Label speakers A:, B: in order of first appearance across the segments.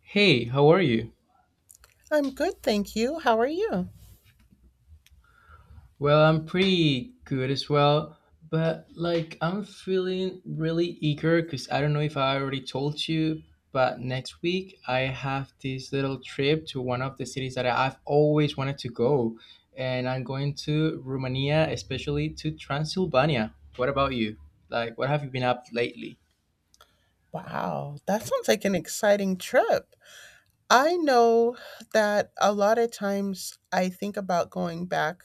A: Hey, how are you?
B: I'm good, thank you. How are you?
A: Well, I'm pretty good as well, but like I'm feeling really eager because I don't know if I already told you, but next week I have this little trip to one of the cities that I've always wanted to go, and I'm going to Romania, especially to Transylvania. What about you? Like, what have you been up lately?
B: Wow, that sounds like an exciting trip. I know that a lot of times I think about going back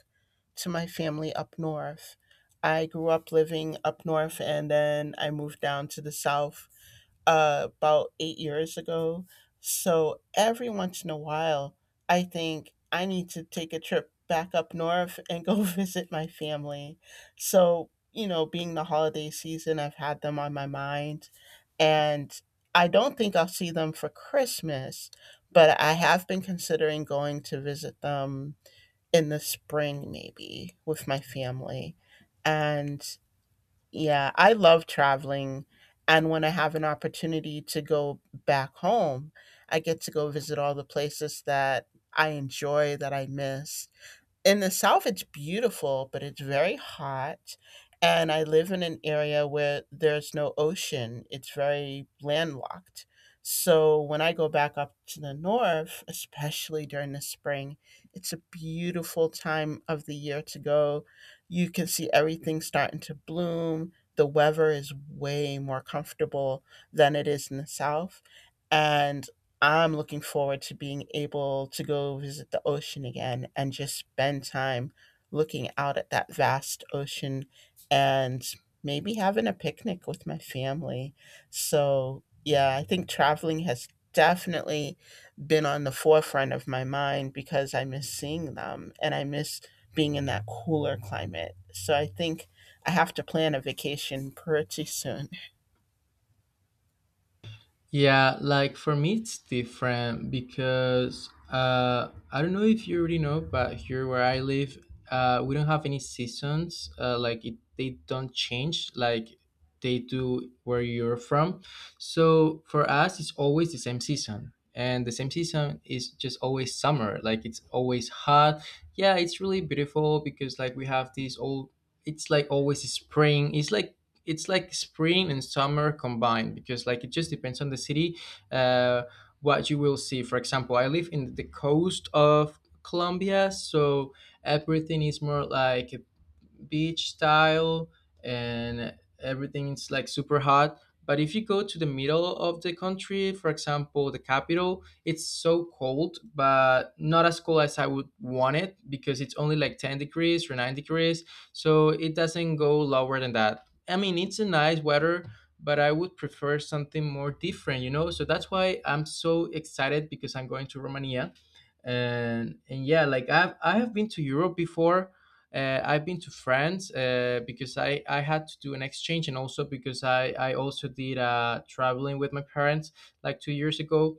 B: to my family up north. I grew up living up north and then I moved down to the south about 8 years ago. So every once in a while, I think I need to take a trip back up north and go visit my family. So, being the holiday season, I've had them on my mind. And I don't think I'll see them for Christmas, but I have been considering going to visit them in the spring, maybe with my family. And yeah, I love traveling. And when I have an opportunity to go back home, I get to go visit all the places that I enjoy, that I miss. In the South, it's beautiful, but it's very hot. And I live in an area where there's no ocean, it's very landlocked. So when I go back up to the North, especially during the spring, it's a beautiful time of the year to go. You can see everything starting to bloom. The weather is way more comfortable than it is in the South. And I'm looking forward to being able to go visit the ocean again and just spend time looking out at that vast ocean, and maybe having a picnic with my family. So, yeah, I think traveling has definitely been on the forefront of my mind because I miss seeing them and I miss being in that cooler climate. So, I think I have to plan a vacation pretty soon.
A: Yeah, like for me, it's different because I don't know if you already know, but here where I live, we don't have any seasons. Like it, they don't change like they do where you're from. So for us, it's always the same season, and the same season is just always summer. Like it's always hot. Yeah, it's really beautiful because like we have these old. It's like always spring. It's like spring and summer combined because like it just depends on the city uh, what you will see. For example, I live in the coast of colombia, so everything is more like beach style and everything's like super hot. But if you go to the middle of the country, for example, the capital, it's so cold, but not as cold as I would want it because it's only like 10 degrees or 9 degrees. So it doesn't go lower than that. I mean, it's a nice weather, but I would prefer something more different, you know? So that's why I'm so excited because I'm going to Romania, and yeah, like I have been to europe before. Uh, I've been to france because i had to do an exchange, and also because i also did traveling with my parents like 2 years ago.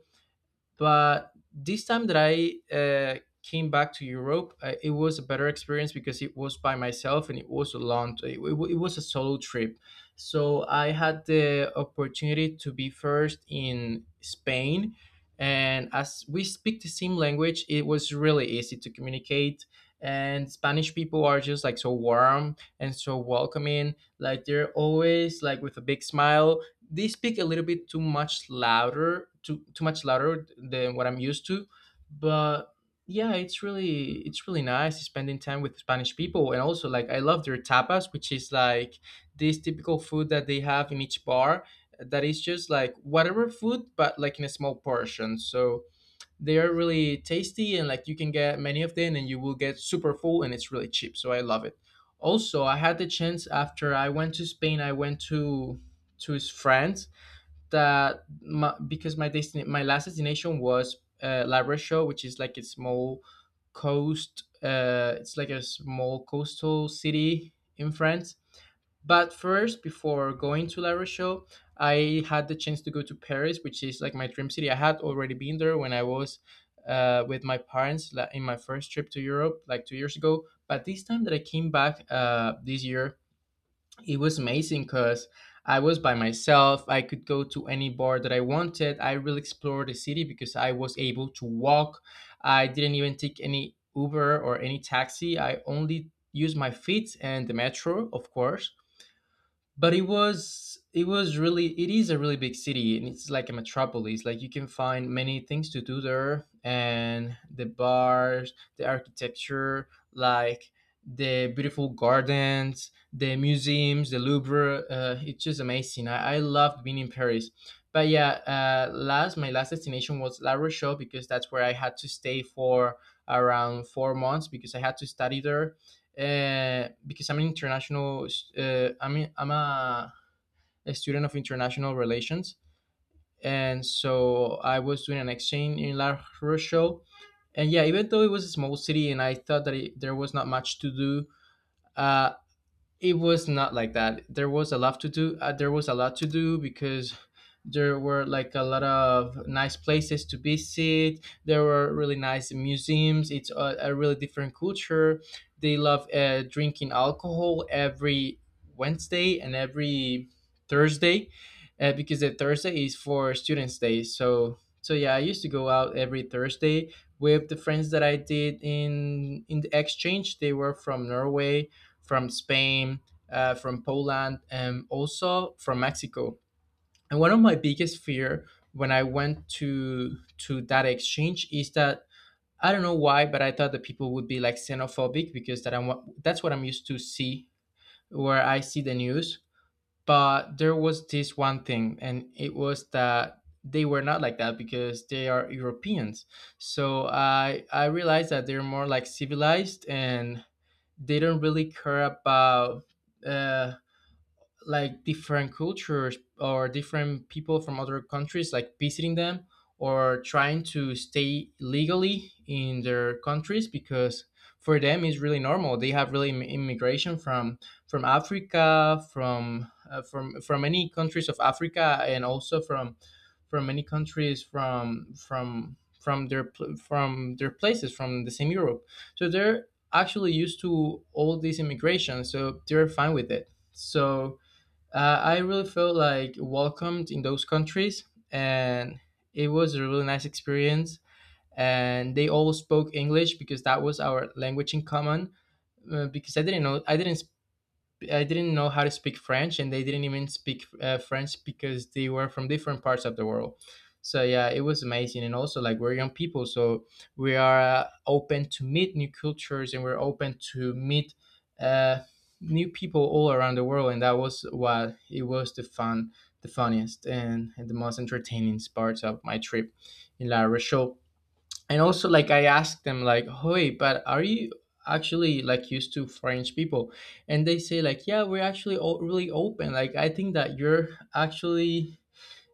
A: But this time that i came back to europe, it was a better experience because it was by myself, and it was a it was a solo trip. So I had the opportunity to be first in spain, and as we speak the same language, it was really easy to communicate. And spanish people are just like so warm and so welcoming, like they're always like with a big smile. They speak a little bit too much louder, too much louder than what I'm used to. But yeah, it's really nice spending time with spanish people, and also like I love their tapas, which is like this typical food that they have in each bar, that is just like whatever food, but like in a small portion. So they are really tasty, and like you can get many of them and you will get super full, and it's really cheap, so I love it. Also, I had the chance, after I went to spain, I went to his friends, because my destin my last destination was La Rochelle, which is like a small coast. It's like a small coastal city in France. But first, before going to La Rochelle, I had the chance to go to Paris, which is like my dream city. I had already been there when I was with my parents, in my first trip to Europe, like 2 years ago. But this time that I came back, this year, it was amazing because I was by myself. I could go to any bar that I wanted. I really explored the city because I was able to walk. I didn't even take any Uber or any taxi. I only used my feet and the metro, of course. But it was really it is a really big city, and it's like a metropolis, like you can find many things to do there, and the bars, the architecture, like the beautiful gardens, the museums, the louvre, it's just amazing. I loved being in paris. But yeah, last my last destination was la rochelle because that's where I had to stay for around 4 months because I had to study there, because I'm an international. Uh, I'm I'm a, a student of international relations, and so I was doing an exchange in La Rochelle. And yeah, even though it was a small city, and I thought that there was not much to do. Uh, it was not like that. There was a lot to do. There was a lot to do because there were like a lot of nice places to visit. There were really nice museums. It's a really different culture. They love drinking alcohol every Wednesday and every Thursday, because the Thursday is for Students' Day. So yeah, I used to go out every Thursday with the friends that I did in the exchange. They were from Norway, from Spain, from Poland, and also from Mexico. And one of my biggest fear when I went to that exchange is that I don't know why, but I thought that people would be like xenophobic because that I'm, that's what I'm used to see where I see the news. But there was this one thing, and it was that they were not like that because they are Europeans. So I realized that they're more like civilized, and they do not really care about uh, like different cultures or different people from other countries, like visiting them or trying to stay legally in their countries. Because for them it's really normal. They have really immigration from africa, from from many countries of africa, and also from many countries from their from their places, from the same europe. So they're actually used to all this immigration, so they're fine with it. So I really felt like welcomed in those countries, and it was a really nice experience. And they all spoke English because that was our language in common. Because I didn't know, I didn't know how to speak French, and they didn't even speak French because they were from different parts of the world. So yeah, it was amazing. And also like we're young people, so we are open to meet new cultures, and we're open to meet uh, new people all around the world. And that was what it was the funniest, and the most entertaining parts of my trip in La Rochelle. And also like I asked them like, hey, but are you actually like used to french people? And they say like, yeah, we're actually really open, like I think that you're actually,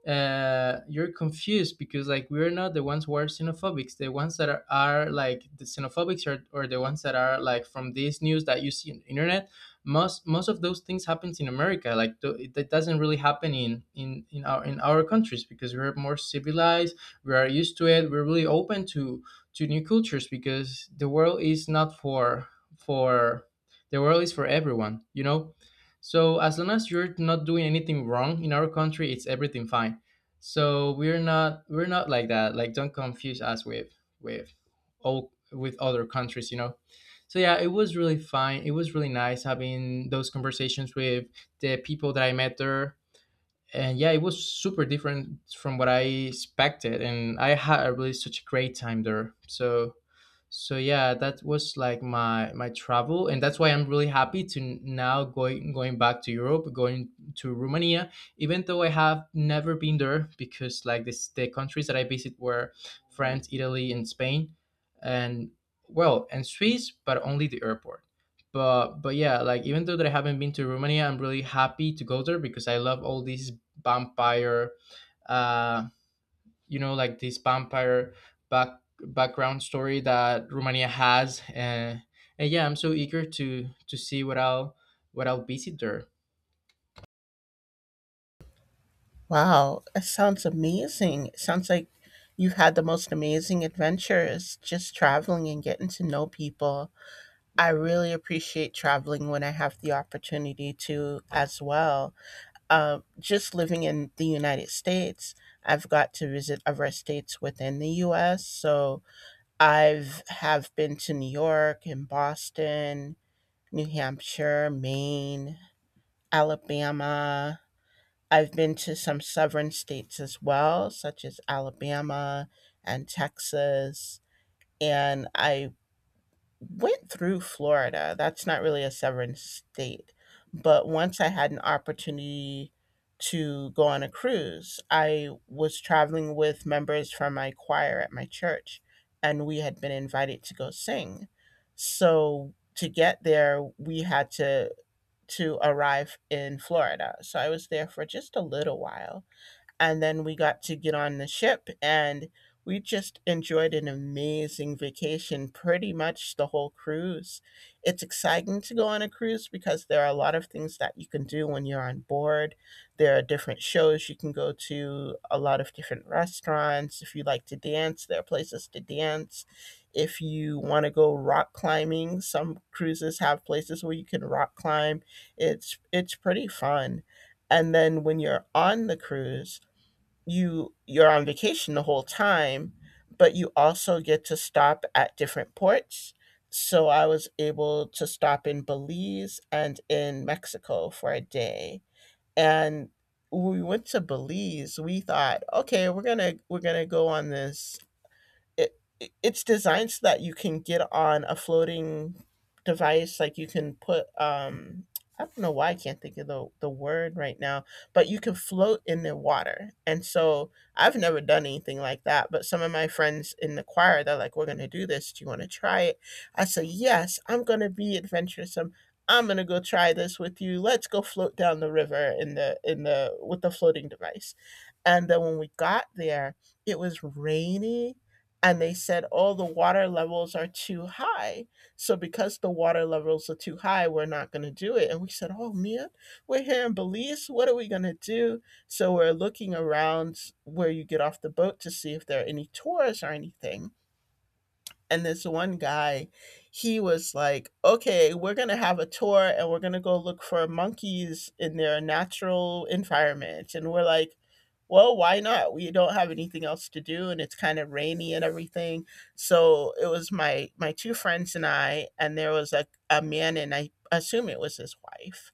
A: you're confused because like we're not the ones who are xenophobics. The ones that are like the xenophobics are, or the ones that are like from these news that you see on the internet. Most of those things happens in America. Like th- it that doesn't really happen in our in our countries because we're more civilized. We are used to it. We're really open to new cultures because the world is not for for the world is for everyone. You know, so as long as you're not doing anything wrong in our country, it's everything fine. So we're not like that. Like don't confuse us with all with other countries, you know. So yeah, it was really fine. It was really nice having those conversations with the people that I met there. And yeah, it was super different from what I expected, and I had a really such a great time there. So yeah, that was like my travel, and that's why I'm really happy to now going back to Europe, going to Romania, even though I have never been there because like this the countries that I visit were France, Italy, and Spain, and well, and Swiss, but only the airport. But yeah, like even though that I haven't been to Romania, I'm really happy to go there because I love all these vampire, uh, you know, like this vampire back background story that Romania has. And yeah, I'm so eager to see what I'll visit there.
B: Wow, it sounds amazing. It sounds like you've had the most amazing adventures just traveling and getting to know people. I really appreciate traveling when I have the opportunity to as well. Just living in the United States, I've got to visit other states within the US. So I've have been to New York and Boston, New Hampshire, Maine, Alabama. I've been to some southern states as well, such as Alabama and Texas. And I went through Florida. That's not really a southern state. But once I had an opportunity to go on a cruise, I was traveling with members from my choir at my church, and we had been invited to go sing. So to get there, we had to arrive in Florida. So I was there for just a little while, and then we got to get on the ship and we just enjoyed an amazing vacation pretty much the whole cruise. It's exciting to go on a cruise because there are a lot of things that you can do when you're on board. There are different shows you can go to, a lot of different restaurants. If you like to dance, there are places to dance. If you want to go rock climbing, some cruises have places where you can rock climb. It's pretty fun. And then when you're on the cruise, you're on vacation the whole time, but you also get to stop at different ports. So I was able to stop in Belize and in Mexico for a day. And when we went to Belize, we thought, okay, we're gonna go on this. It's designed so that you can get on a floating device. Like, you can put I don't know why I can't think of the, word right now, but you can float in the water. And so I've never done anything like that. But some of my friends in the choir, they're like, "We're gonna do this. Do you wanna try it?" I say, "Yes, I'm gonna be adventuresome. I'm gonna go try this with you. Let's go float down the river in the with the floating device." And then when we got there, it was rainy. And they said, "Oh, the water levels are too high." So, because the water levels are too high, we're not going to do it. And we said, "Oh, man, we're here in Belize. What are we going to do?" So, we're looking around where you get off the boat to see if there are any tours or anything. And this one guy, he was like, "Okay, we're going to have a tour, and we're going to go look for monkeys in their natural environment." And we're like, "Well, why not? We don't have anything else to do, and it's kind of rainy and everything." So it was my two friends and I. And there was a, man, and I assume it was his wife.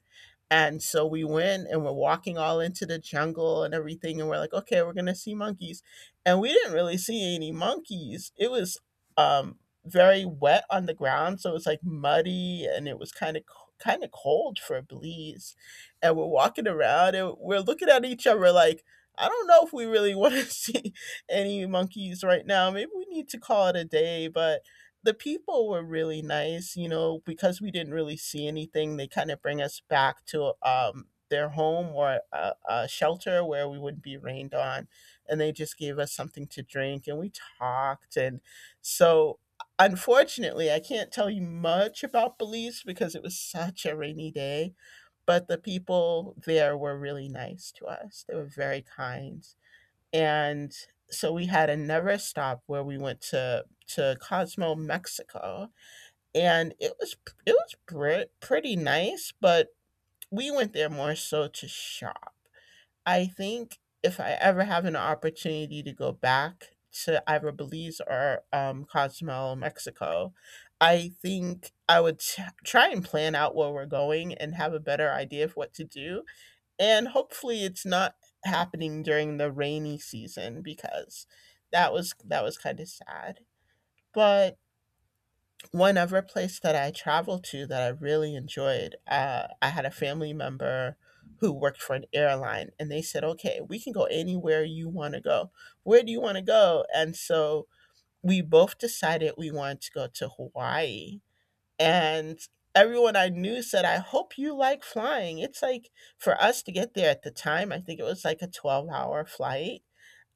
B: And so we went, and we're walking all into the jungle and everything. And we're like, "Okay, we're going to see monkeys." And we didn't really see any monkeys. It was very wet on the ground. So it was like muddy, and it was kind of cold for a Belize. And we're walking around and we're looking at each other like, "I don't know if we really want to see any monkeys right now. Maybe we need to call it a day." But the people were really nice, because we didn't really see anything. They kind of bring us back to their home, or a, shelter, where we wouldn't be rained on. And they just gave us something to drink, and we talked. And so unfortunately, I can't tell you much about Belize because it was such a rainy day. But the people there were really nice to us. They were very kind. And so we had another stop where we went to Cosmo, Mexico. And it was pretty nice, but we went there more so to shop. I think if I ever have an opportunity to go back to either Belize or Cozumel, Mexico, I think I would try and plan out where we're going and have a better idea of what to do, and hopefully it's not happening during the rainy season because that was kind of sad. But one other place that I traveled to that I really enjoyed, I had a family member who worked for an airline, and they said, "Okay, we can go anywhere you want to go. Where do you want to go?" And so we both decided we wanted to go to Hawaii. And everyone I knew said, "I hope you like flying." It's like, for us to get there at the time, I think it was like a 12-hour flight.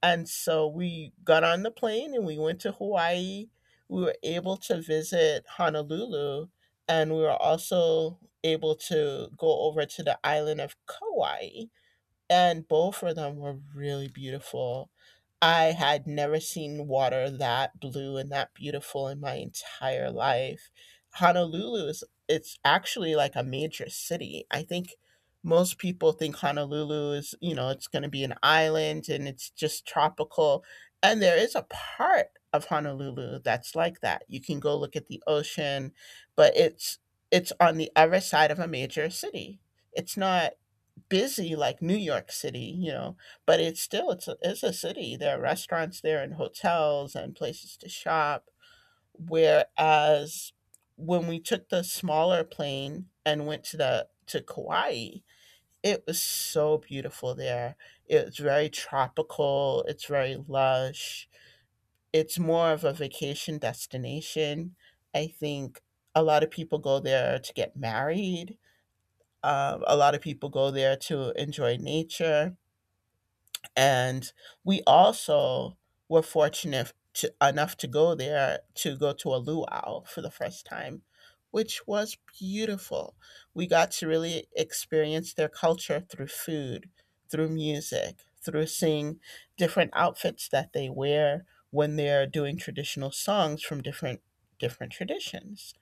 B: And so we got on the plane and we went to Hawaii. We were able to visit Honolulu, and we were also able to go over to the island of Kauai, and both of them were really beautiful. I had never seen water that blue and that beautiful in my entire life. Honolulu is, it's actually like a major city. I think most people think Honolulu is, it's going to be an island and it's just tropical. And there is a part of Honolulu that's like that. You can go look at the ocean, but it's on the other side of a major city. It's not busy like New York City, but it's still it's a city. There are restaurants there and hotels and places to shop. Whereas when we took the smaller plane and went to the to Kauai, it was so beautiful there. It's very tropical. It's very lush. It's more of a vacation destination. I think a lot of people go there to get married. A lot of people go there to enjoy nature. And we also were fortunate enough to go there to go to a luau for the first time, which was beautiful. We got to really experience their culture through food, through music, through seeing different outfits that they wear when they're doing traditional songs from different traditions.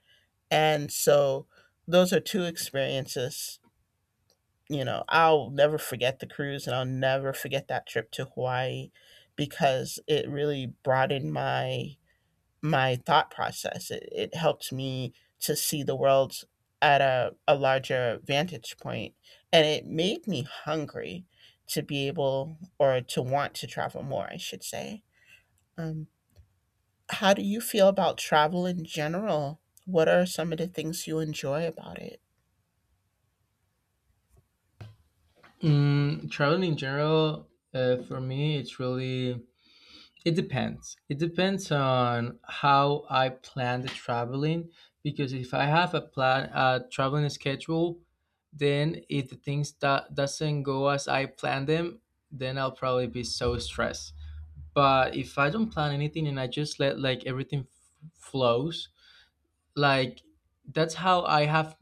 B: And so those are two experiences. You know, I'll never forget the cruise and I'll never forget that trip to Hawaii because it really broadened my thought process. It helped me to see the world at a, larger vantage point, and it made me hungry to be able, or to want to travel more, I should say. Um, how do you feel about travel in general? What are some of the things you enjoy about it?
A: Mm, traveling in general, for me it's really, it depends on how I plan the traveling. Because if I have a plan, a traveling schedule, then if the things that doesn't go as I plan them, then I'll probably be so stressed. But if I don't plan anything and I just let like everything flows, like that's how I have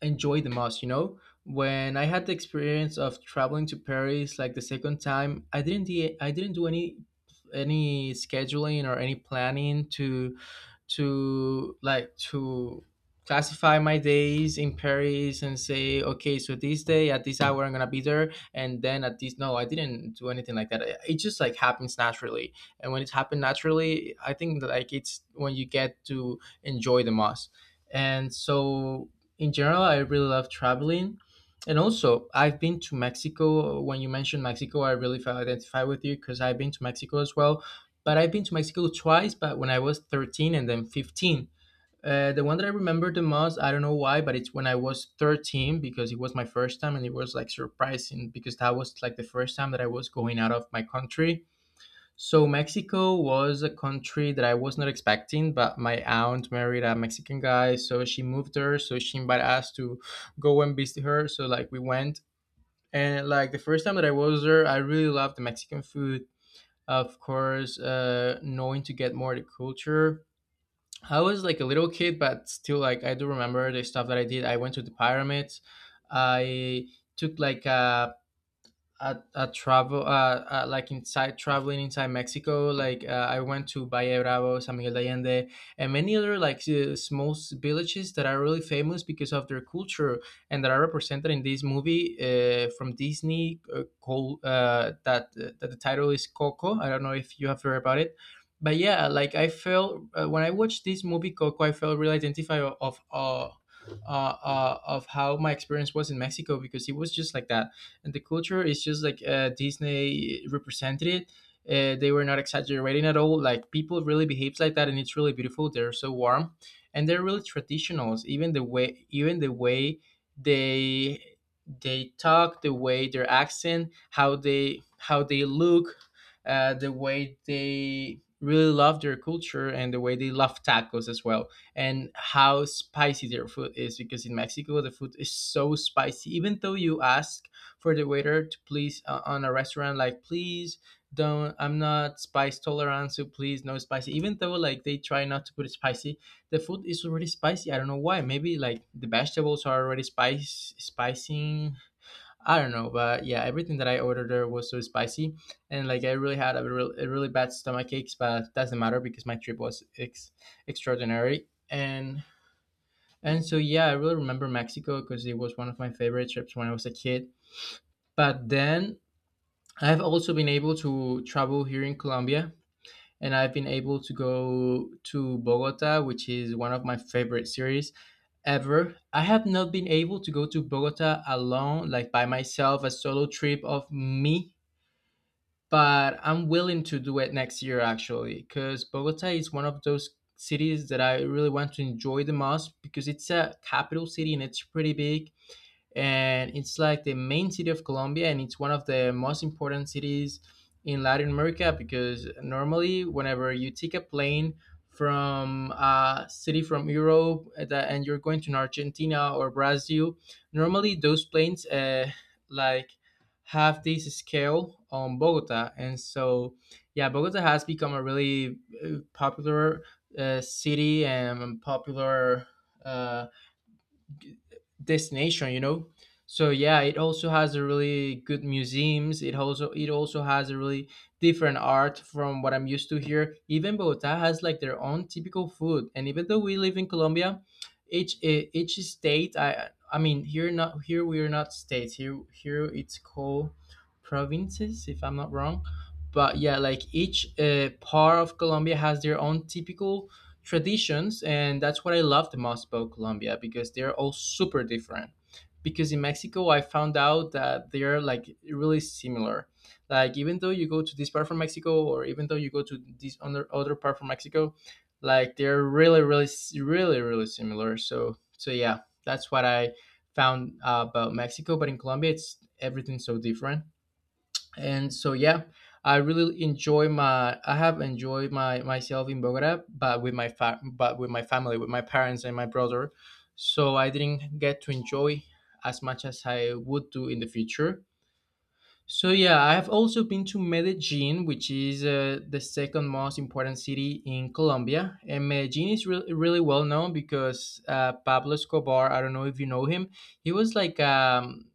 A: enjoyed the most, you know. When I had the experience of traveling to paris like the second time, I didn't I didn't do any scheduling or any planning to like to classify my days in Paris and say, okay, so this day at this hour I'm gonna be there, and then at this, no, I didn't do anything like that. It just happens naturally, and when it happened naturally, I think that it's when you get to enjoy the most. And so in general, I really love traveling. And also, I've been to Mexico. When you mentioned Mexico, I really felt identified with you because I've been to Mexico as well, but I've been to Mexico twice, but when I was 13 and then 15. The one that I remember the most, I don't know why, but it's when I was 13 because it was my first time, and it was like surprising because that was like the first time that I was going out of my country. So Mexico was a country that I was not expecting, but my aunt married a Mexican guy, so she moved there, so she invited us to go and visit her. So like we went, and like the first time that I was there, I really loved the Mexican food, of course. Knowing to get more the culture, I was like a little kid, but still like I do remember the stuff that I did. I went to the pyramids. I took like a at travel, like inside, traveling inside Mexico. Like I went to Valle Bravo, San Miguel de Allende, and many other like small villages that are really famous because of their culture, and that are represented in this movie, from Disney, called, that the title is Coco. I don't know if you have heard about it, but yeah, like I felt, when I watched this movie Coco, I felt really identified of how my experience was in Mexico, because it was just like that, and the culture is just like, Disney represented it. They were not exaggerating at all. Like, people really behaves like that, and it's really beautiful. They're so warm, and they're really traditionals. Even the way they they talk, the way their accent, how they look, the way they really love their culture, and the way they love tacos as well, and how spicy their food is, because in Mexico the food is so spicy. Even though you ask for the waiter to please, on a restaurant, like please don't, I'm not spice tolerant, so please no spicy. Even though like they try not to put it spicy, the food is already spicy. I don't know why. Maybe like the vegetables are already spice spicing, I don't know. But yeah, everything that I ordered there was so spicy, and like I really had a really bad stomach aches, but doesn't matter because my trip was extraordinary. And so yeah, I really remember Mexico because it was one of my favorite trips when I was a kid. But then I have also been able to travel here in Colombia, and I've been able to go to Bogota, which is one of my favorite cities ever. I have not been able to go to Bogota alone, like by myself, a solo trip of me, but I'm willing to do it next year actually, because Bogota is one of those cities that I really want to enjoy the most because it's a capital city and it's pretty big, and it's like the main city of Colombia, and it's one of the most important cities in Latin America, because normally, whenever you take a plane from a city from Europe, and you're going to Argentina or Brazil, normally those planes like have this scale on Bogota, and so yeah, Bogota has become a really popular, city and popular. Uh, Destination, you know. So yeah, it also has a really good museums. It also has a really different art from what I'm used to here. Even Bogota has like their own typical food. And even though we live in Colombia, each state, I mean here, not here, we are not states here. Here it's called provinces, if I'm not wrong. But yeah, like each, part of Colombia has their own typical traditions, and that's what I love the most about Colombia, because they're all super different. Because in Mexico I found out that they're like really similar. Like even though you go to this part from Mexico, or even though you go to this other part from Mexico, like they're really really similar. So yeah, that's what I found, about Mexico. But in Colombia it's everything so different. And so yeah, I really enjoy my I have enjoyed my myself in Bogota, but with my but with my family, with my parents and my brother, so I didn't get to enjoy as much as I would do in the future. So yeah, I have also been to Medellin, which is, the second most important city in Colombia. And Medellin is really really well known because, Pablo Escobar. I don't know if you know him. He was like,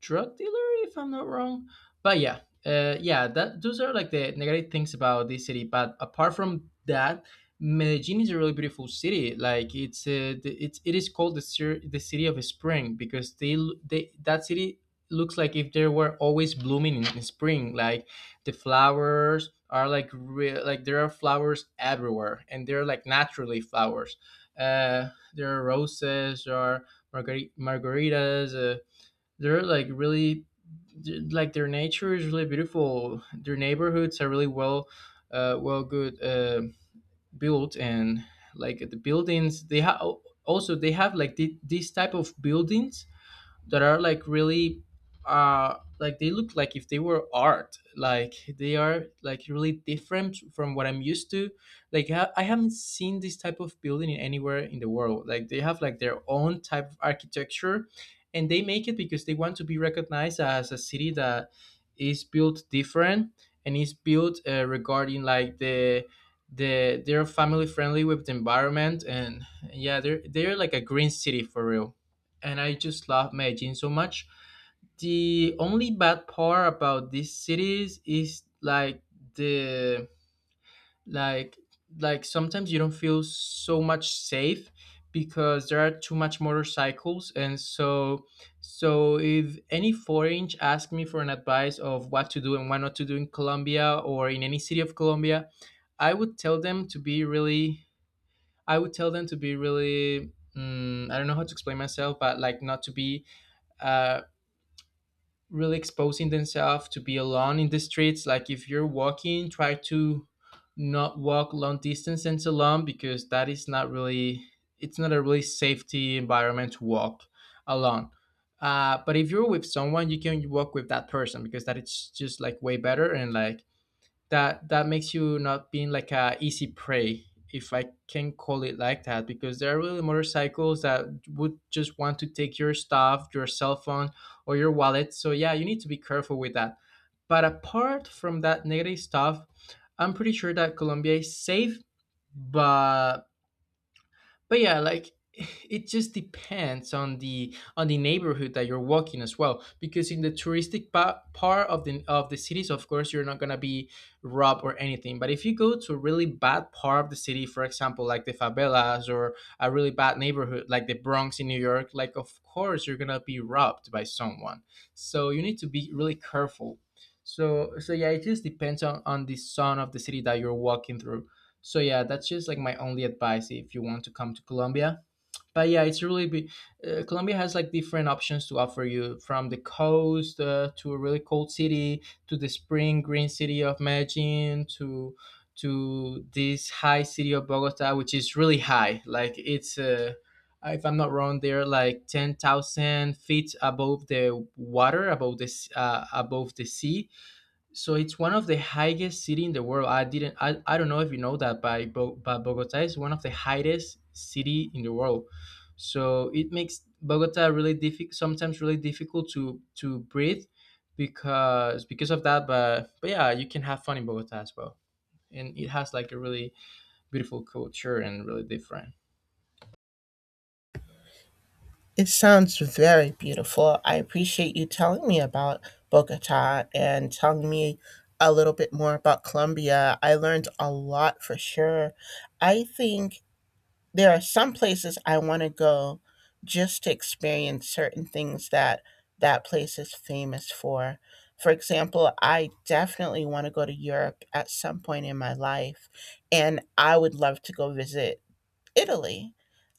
A: drug dealer, if I'm not wrong. But yeah, yeah, that those are like the negative things about this city. But apart from that, Medellin is a really beautiful city. Like it's, it is called the the city of spring, because they, that city looks like if they were always blooming in spring. Like the flowers are like real, like there are flowers everywhere, and they're like naturally flowers. Uh, there are roses, there are margaritas. They're like really like their nature is really beautiful. Their neighborhoods are really good, built. And like the buildings they have, also they have like these type of buildings, that are like really, like they look like if they were art. Like they are like really different from what I'm used to. I haven't seen this type of building anywhere in the world. Like they have like their own type of architecture, and they make it because they want to be recognized as a city that is built different, and is built, regarding like the they're family friendly with the environment. And yeah, they're like a green city for real, and I just love Medellin so much. The only bad part about these cities is like the like like sometimes you don't feel so much safe, because there are too much motorcycles. And so, so if any foreign ask me for an advice of what to do and what not to do in Colombia, or in any city of Colombia, I would tell them to be really I would tell them to be really I don't know how to explain myself, but like not to be, uh, really exposing themselves to be alone in the streets. Like if you're walking, try to not walk long distances alone, because that is not really, it's not a really safety environment to walk alone. But if you're with someone, you can walk with that person, because that it's just like way better. And like that makes you not being like a easy prey, if I can call it like that. Because there are really motorcycles that would just want to take your stuff, your cell phone or your wallet. So yeah, you need to be careful with that. But apart from that negative stuff, I'm pretty sure that Colombia is safe. but but yeah, like it just depends on the neighborhood that you're walking as well. Because in the touristic part of the cities, of course you're not going to be robbed or anything. But if you go to a really bad part of the city, for example like the favelas, or a really bad neighborhood like the Bronx in New York, like of course you're going to be robbed by someone. So you need to be really careful. So yeah, it just depends on the zone of the city that you're walking through. So yeah, that's just like my only advice if you want to come to Colombia. But yeah, it's really be, Colombia has like different options to offer you, from the coast, to a really cold city, to the spring green city of Medellin, to this high city of Bogota, which is really high. Like it's, if I'm not wrong, they're like 10,000 feet above the water, above the sea. So it's one of the highest city in the world. I didn't. I don't know if you know that, but but Bogota is one of the highest city in the world. So it makes Bogota really difficult. Sometimes really difficult to breathe, because of that. But yeah, you can have fun in Bogota as well, and it has like a really beautiful culture and really different.
B: It sounds very beautiful. I appreciate you telling me about Bogota, and telling me a little bit more about Colombia. I learned a lot for sure. I think there are some places I want to go just to experience certain things that that place is famous for. For example, I definitely want to go to Europe at some point in my life, and I would love to go visit Italy.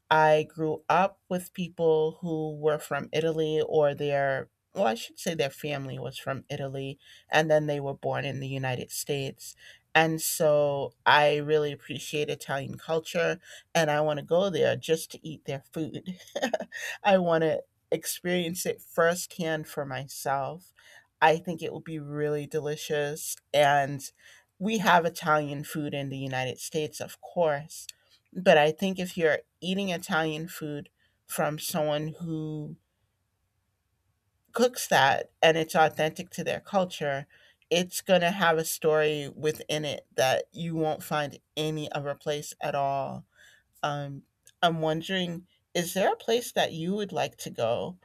B: I grew up with people who were from Italy, or their well, I should say, their family was from Italy, and then they were born in the United States. And so I really appreciate Italian culture, and I want to go there just to eat their food. I want to experience it firsthand for myself. I think it will be really delicious, and we have Italian food in the United States, of course, but I think if you're eating Italian food from someone who cooks that and it's authentic to their culture, it's going to have a story within it that you won't find any other place at all. Um, I'm wondering, is there a place that you would like to go?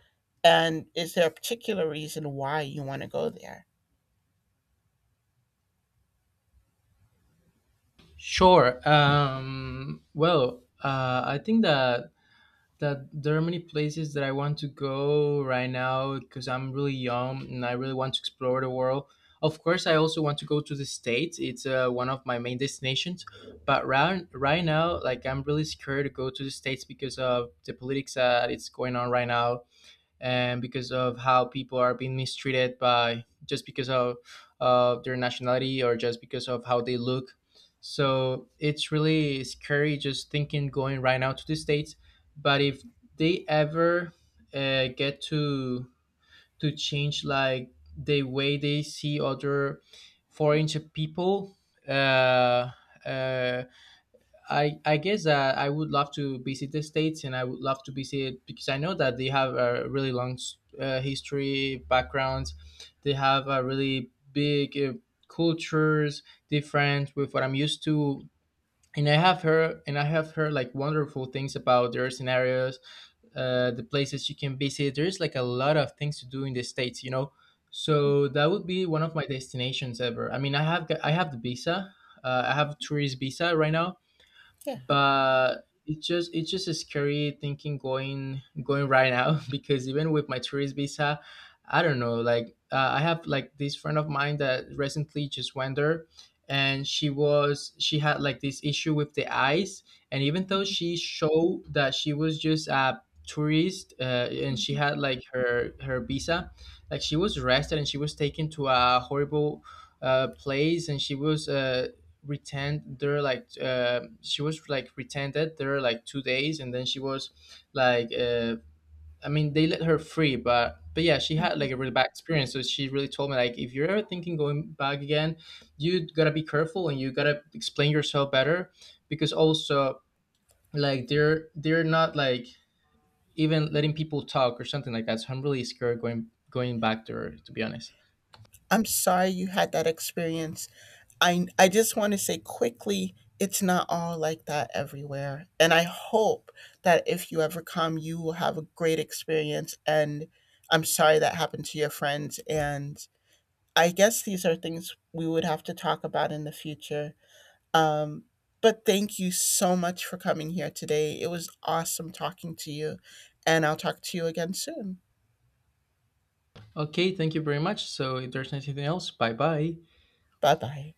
B: And is there a particular reason why you want to go there?
A: Sure. I think that there are many places that I want to go right now, because I'm really young and I really want to explore the world. Of course, I also want to go to the States. It's, one of my main destinations. But right now, like I'm really scared to go to the States because of the politics that it's going on right now, and because of how people are being mistreated by, just because of their nationality, or just because of how they look. So it's really scary just thinking going right now to the States. But if they ever, get to change like the way they see other foreign people, uh, uh, I guess that I would love to visit the States, and I would love to visit because I know that they have a really long, history backgrounds. They have a really big, cultures different with what I'm used to. And I have heard like wonderful things about their scenarios, the places you can visit. There's like a lot of things to do in the States, you know. So that would be one of my destinations ever. I mean, I have the visa. I have tourist visa right now,
B: Yeah.
A: but it's just a scary thinking going going right now because even with my tourist visa, I don't know. Like, I have like this friend of mine that recently just went there, and she had like this issue with the eyes, and even though she showed that she was just a tourist, and she had like her visa, like she was arrested and she was taken to a horrible, place, and she was, retained there like, she was like retained there like 2 days, and then she was like, I mean they let her free. But yeah, she
B: Hmm.
A: had like a really bad experience. So she really told me like, if you're ever thinking going back again, you gotta be careful, and you gotta explain yourself better. Because also like they're not like even letting people talk or something like that. So I'm really scared going going back there, to be honest.
B: I'm sorry you had that experience. I just want to say quickly, it's not all like that everywhere. And I hope that if you ever come, you will have a great experience. And I'm sorry that happened to your friends. And I guess these are things we would have to talk about in the future. Um, but thank you so much for coming here today. It was awesome talking to you. And I'll talk to you again soon.
A: Okay, thank you very much. So if there's anything else, bye bye.
B: Bye bye.